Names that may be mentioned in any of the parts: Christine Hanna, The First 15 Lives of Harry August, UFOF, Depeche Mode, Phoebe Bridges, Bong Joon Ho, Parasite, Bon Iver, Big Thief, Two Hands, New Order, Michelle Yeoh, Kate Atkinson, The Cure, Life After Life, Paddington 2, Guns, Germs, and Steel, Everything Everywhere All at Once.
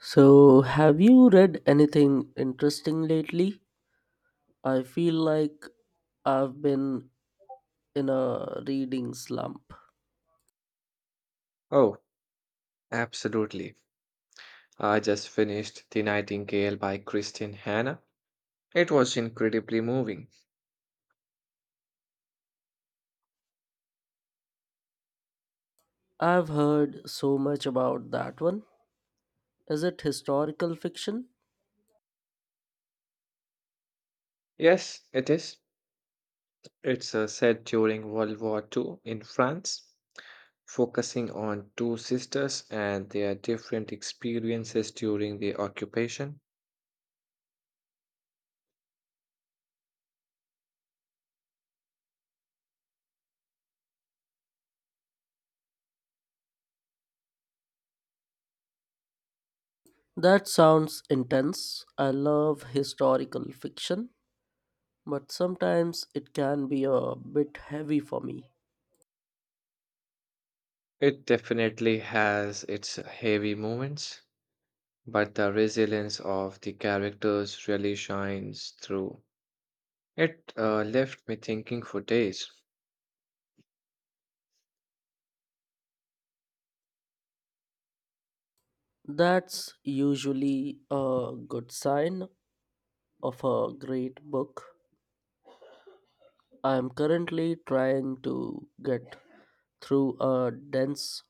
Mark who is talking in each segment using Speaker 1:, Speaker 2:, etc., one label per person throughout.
Speaker 1: So, have you read anything interesting lately? I feel like I've been in a reading slump.
Speaker 2: Oh, absolutely. I just finished The Nightingale by Christine Hanna. It was incredibly moving.
Speaker 1: I've heard so much about that one. Is it historical fiction?
Speaker 2: Yes, it is. It's set during World War Two in France, focusing on two sisters and their different experiences during the occupation.
Speaker 1: That sounds intense. I love historical fiction, but sometimes it can be a bit heavy for me.
Speaker 2: It definitely has its heavy moments, but the resilience of the characters really shines through. It left me thinking for days.
Speaker 1: That's usually a good sign of a great book. I'm currently trying to get through a dense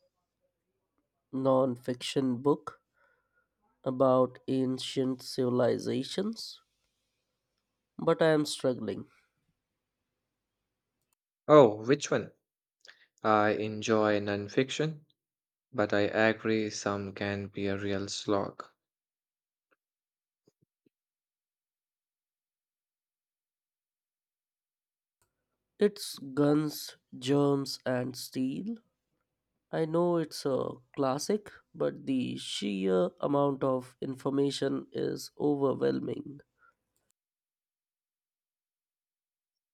Speaker 1: non-fiction book about ancient civilizations, but I am struggling.
Speaker 2: Oh, which one? I enjoy nonfiction, but I agree some can be a real slog.
Speaker 1: It's Guns, Germs, and Steel. I know it's a classic, but the sheer amount of information is overwhelming.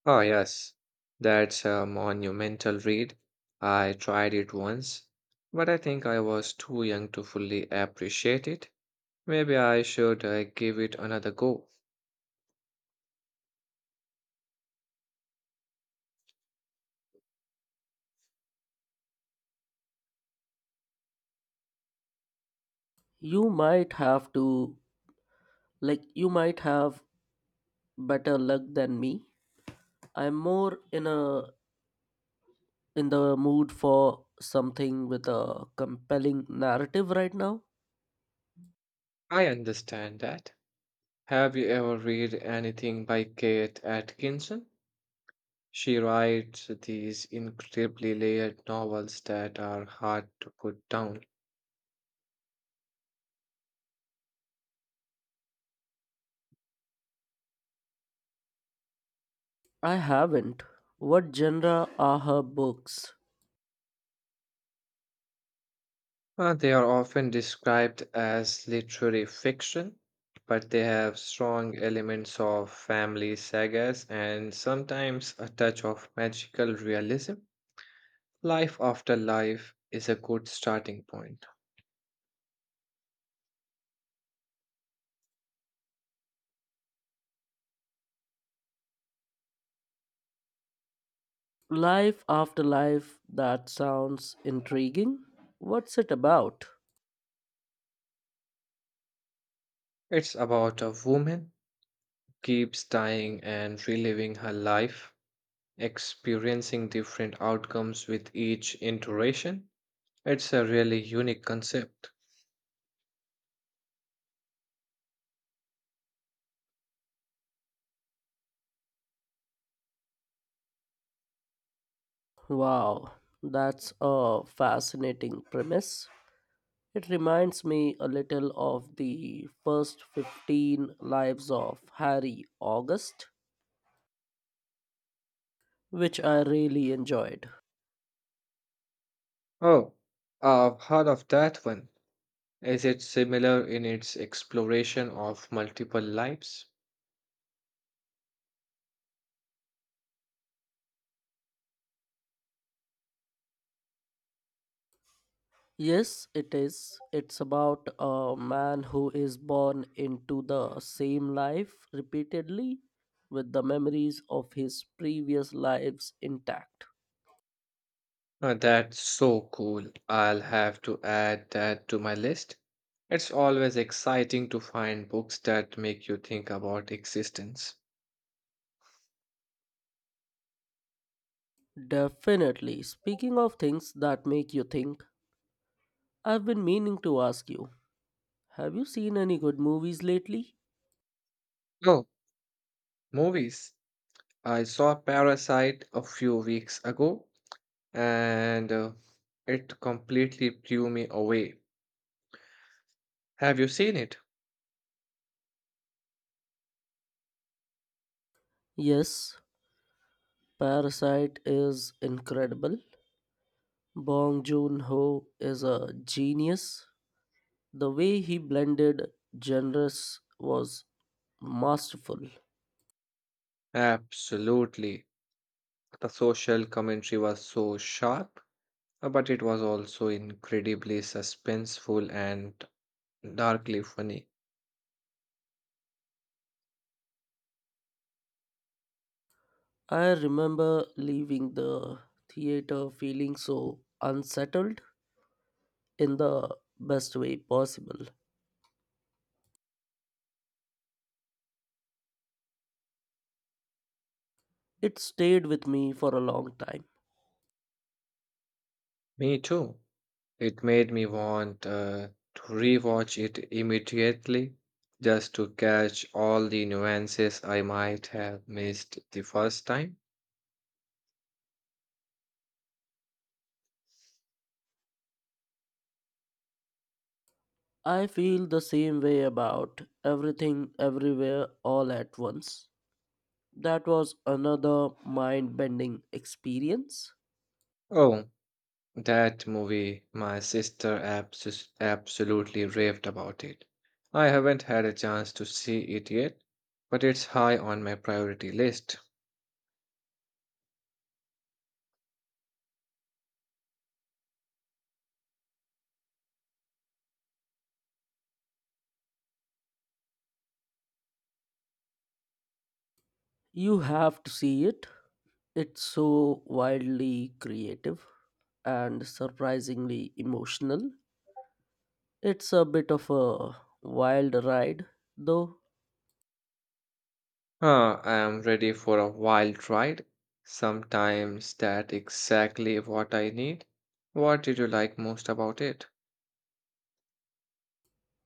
Speaker 2: Oh, yes, that's a monumental read. I tried it once, but I think I was too young to fully appreciate it. Maybe I should give it another go.
Speaker 1: You might have to, like, you might have better luck than me. I'm more in the mood for something with a compelling narrative right now.
Speaker 2: I understand that. Have you ever read anything by Kate Atkinson? She writes these incredibly layered novels that are hard to put down.
Speaker 1: I haven't. What genre are her books?
Speaker 2: They are often described as literary fiction, but they have strong elements of family sagas and sometimes a touch of magical realism. Life After Life is a good starting point.
Speaker 1: Life After Life, that sounds intriguing. What's it about?
Speaker 2: It's about a woman who keeps dying and reliving her life, experiencing different outcomes with each iteration. It's a really unique concept.
Speaker 1: Wow, that's a fascinating premise. It reminds me a little of the first 15 lives of Harry August, which I really enjoyed.
Speaker 2: Oh, I've heard of that one. Is it similar in its exploration of multiple lives?
Speaker 1: Yes, it is. It's about a man who is born into the same life repeatedly with the memories of his previous lives intact.
Speaker 2: That's so cool. I'll have to add that to my list. It's always exciting to find books that make you think about existence.
Speaker 1: Definitely. Speaking of things that make you think, I've been meaning to ask you, have you seen any good movies lately?
Speaker 2: Oh, movies. I saw Parasite a few weeks ago and it completely blew me away. Have you seen it?
Speaker 1: Yes, Parasite is incredible. Bong Joon Ho is a genius. The way he blended genres was masterful.
Speaker 2: Absolutely. The social commentary was so sharp. But it was also incredibly suspenseful and darkly funny.
Speaker 1: I remember leaving the theater feeling so unsettled in the best way possible. It stayed with me for a long time.
Speaker 2: Me too. It made me want to rewatch it immediately just to catch all the nuances I might have missed the first time.
Speaker 1: I feel the same way about everything, everywhere, all at once. That was another mind bending experience.
Speaker 2: Oh, that movie, my sister absolutely raved about it. I haven't had a chance to see it yet, but it's high on my priority list.
Speaker 1: You have to see it, it's so wildly creative and surprisingly emotional. It's a bit of a wild ride, though.
Speaker 2: Huh, I am ready for a wild ride. Sometimes that exactly what I need. What did you like most about it?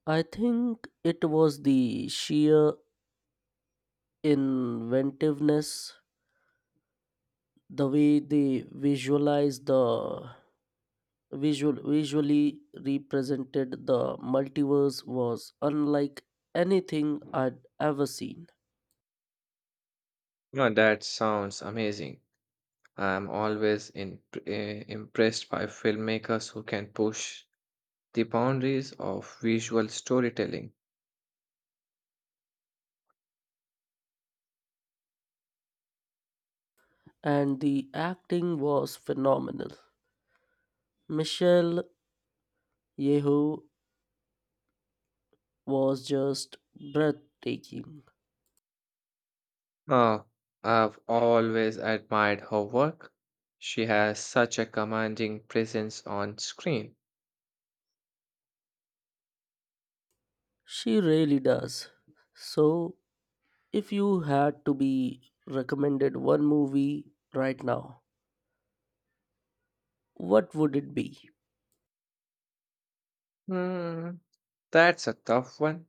Speaker 1: I think it was the sheer inventiveness, the way they visualized the visual visually represented the multiverse was unlike anything I'd ever seen,
Speaker 2: No, that sounds amazing. I am always impressed by filmmakers who can push the boundaries of visual storytelling.
Speaker 1: and the acting was phenomenal. Michelle Yeoh was just breathtaking.
Speaker 2: Oh, I've always admired her work. She has such a commanding presence on screen.
Speaker 1: She really does. So, if you had to be recommended one movie right now, what would it be?
Speaker 2: Hmm, that's a tough one.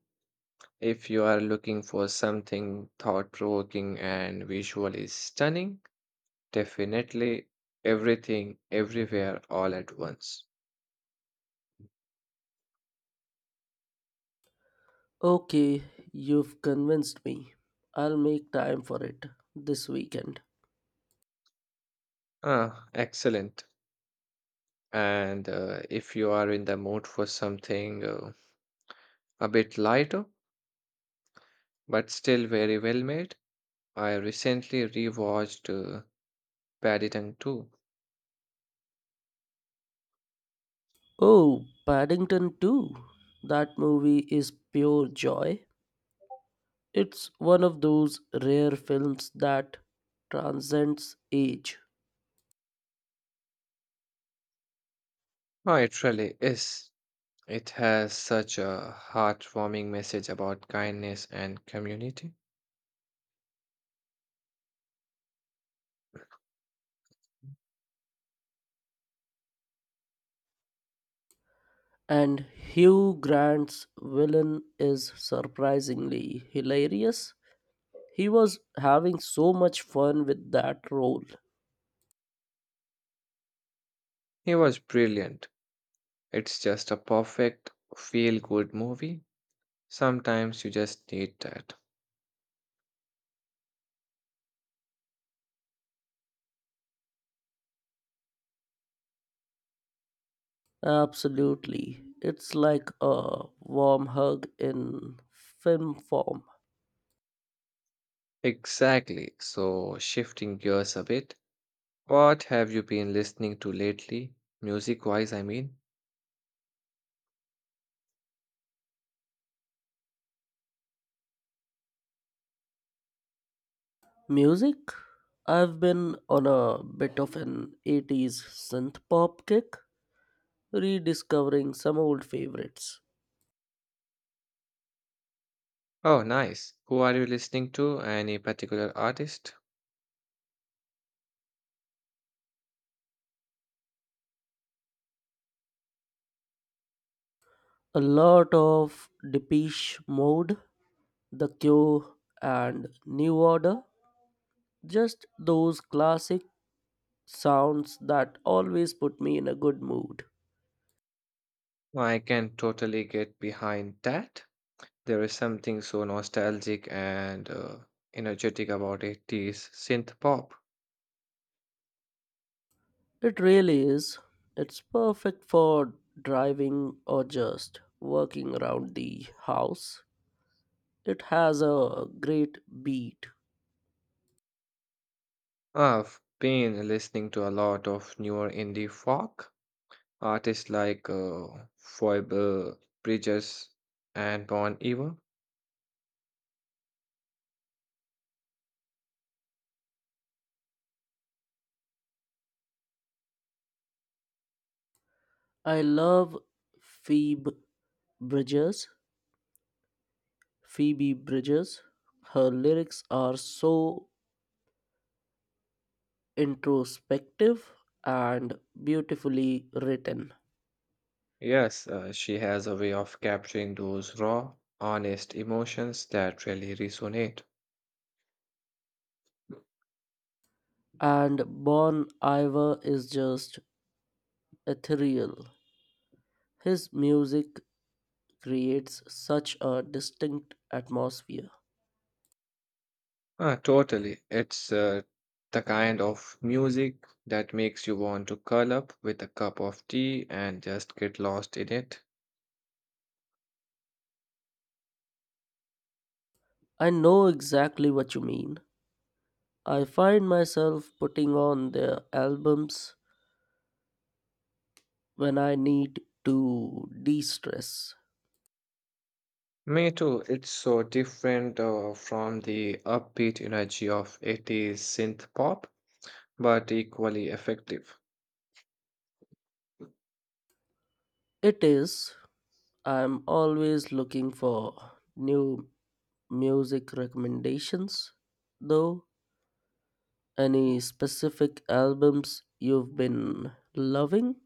Speaker 2: If you are looking for something thought provoking and visually stunning, definitely everything, everywhere, all at once.
Speaker 1: Okay, you've convinced me. I'll make time for it this weekend.
Speaker 2: Ah, excellent. And if you are in the mood for something a bit lighter, but still very well made, I recently rewatched Paddington 2.
Speaker 1: Oh, Paddington 2. That movie is pure joy. It's one of those rare films that transcends age.
Speaker 2: Oh, it really is. It has such a heartwarming message about kindness and community.
Speaker 1: And Hugh Grant's villain is surprisingly hilarious. He was having so much fun with that role.
Speaker 2: He was brilliant. It's just a perfect feel good movie. Sometimes you just need that.
Speaker 1: Absolutely. It's like a warm hug in film form.
Speaker 2: Exactly. So, shifting gears a bit, what have you been listening to lately? Music wise, I mean.
Speaker 1: Music? I've been on a bit of an 80s synth pop kick, rediscovering some old favorites.
Speaker 2: Oh, nice. Who are you listening to? Any particular artist?
Speaker 1: A lot of Depeche Mode, The Cure, and New Order. Just those classic sounds that always put me in a good mood.
Speaker 2: I can totally get behind that. There is something so nostalgic and energetic about 80s synth pop.
Speaker 1: It really is. It's perfect for driving or just working around the house. It has a great beat.
Speaker 2: I've been listening to a lot of newer indie folk. Artists like Phoebe Bridges and Bon Iver.
Speaker 1: I love Phoebe Bridges. Phoebe Bridges. Her lyrics are so introspective and beautifully written.
Speaker 2: Yes, she has a way of capturing those raw, honest emotions that really resonate.
Speaker 1: And Bon Iver is just ethereal. His music creates such a distinct atmosphere.
Speaker 2: Ah, totally. It's the kind of music that makes you want to curl up with a cup of tea and just get lost in it.
Speaker 1: I know exactly what you mean. I find myself putting on their albums when I need to de stress.
Speaker 2: Me too. It's so different from the upbeat energy of 80s synth pop, but equally effective.
Speaker 1: It is, I'm always looking for new music recommendations, though. Any specific albums you've been loving?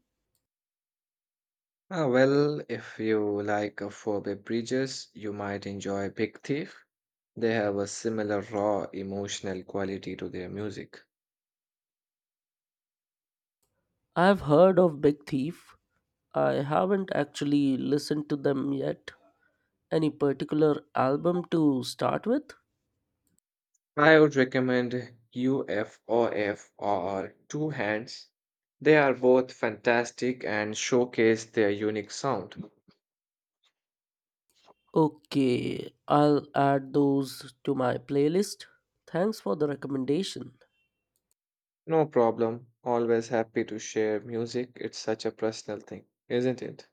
Speaker 2: Ah, well, if you like Phoebe Bridges, you might enjoy Big Thief. They have a similar raw emotional quality to their music.
Speaker 1: I've heard of Big Thief. I haven't actually listened to them yet. Any particular album to start with?
Speaker 2: I would recommend UFOF or Two Hands. They are both fantastic and showcase their unique sound.
Speaker 1: Okay, I'll add those to my playlist. Thanks for the recommendation.
Speaker 2: No problem. Always happy to share music. It's such a personal thing, isn't it?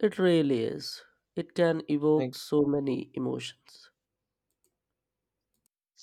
Speaker 1: It really is. It can evoke
Speaker 2: Thank
Speaker 1: so many emotions.
Speaker 2: you.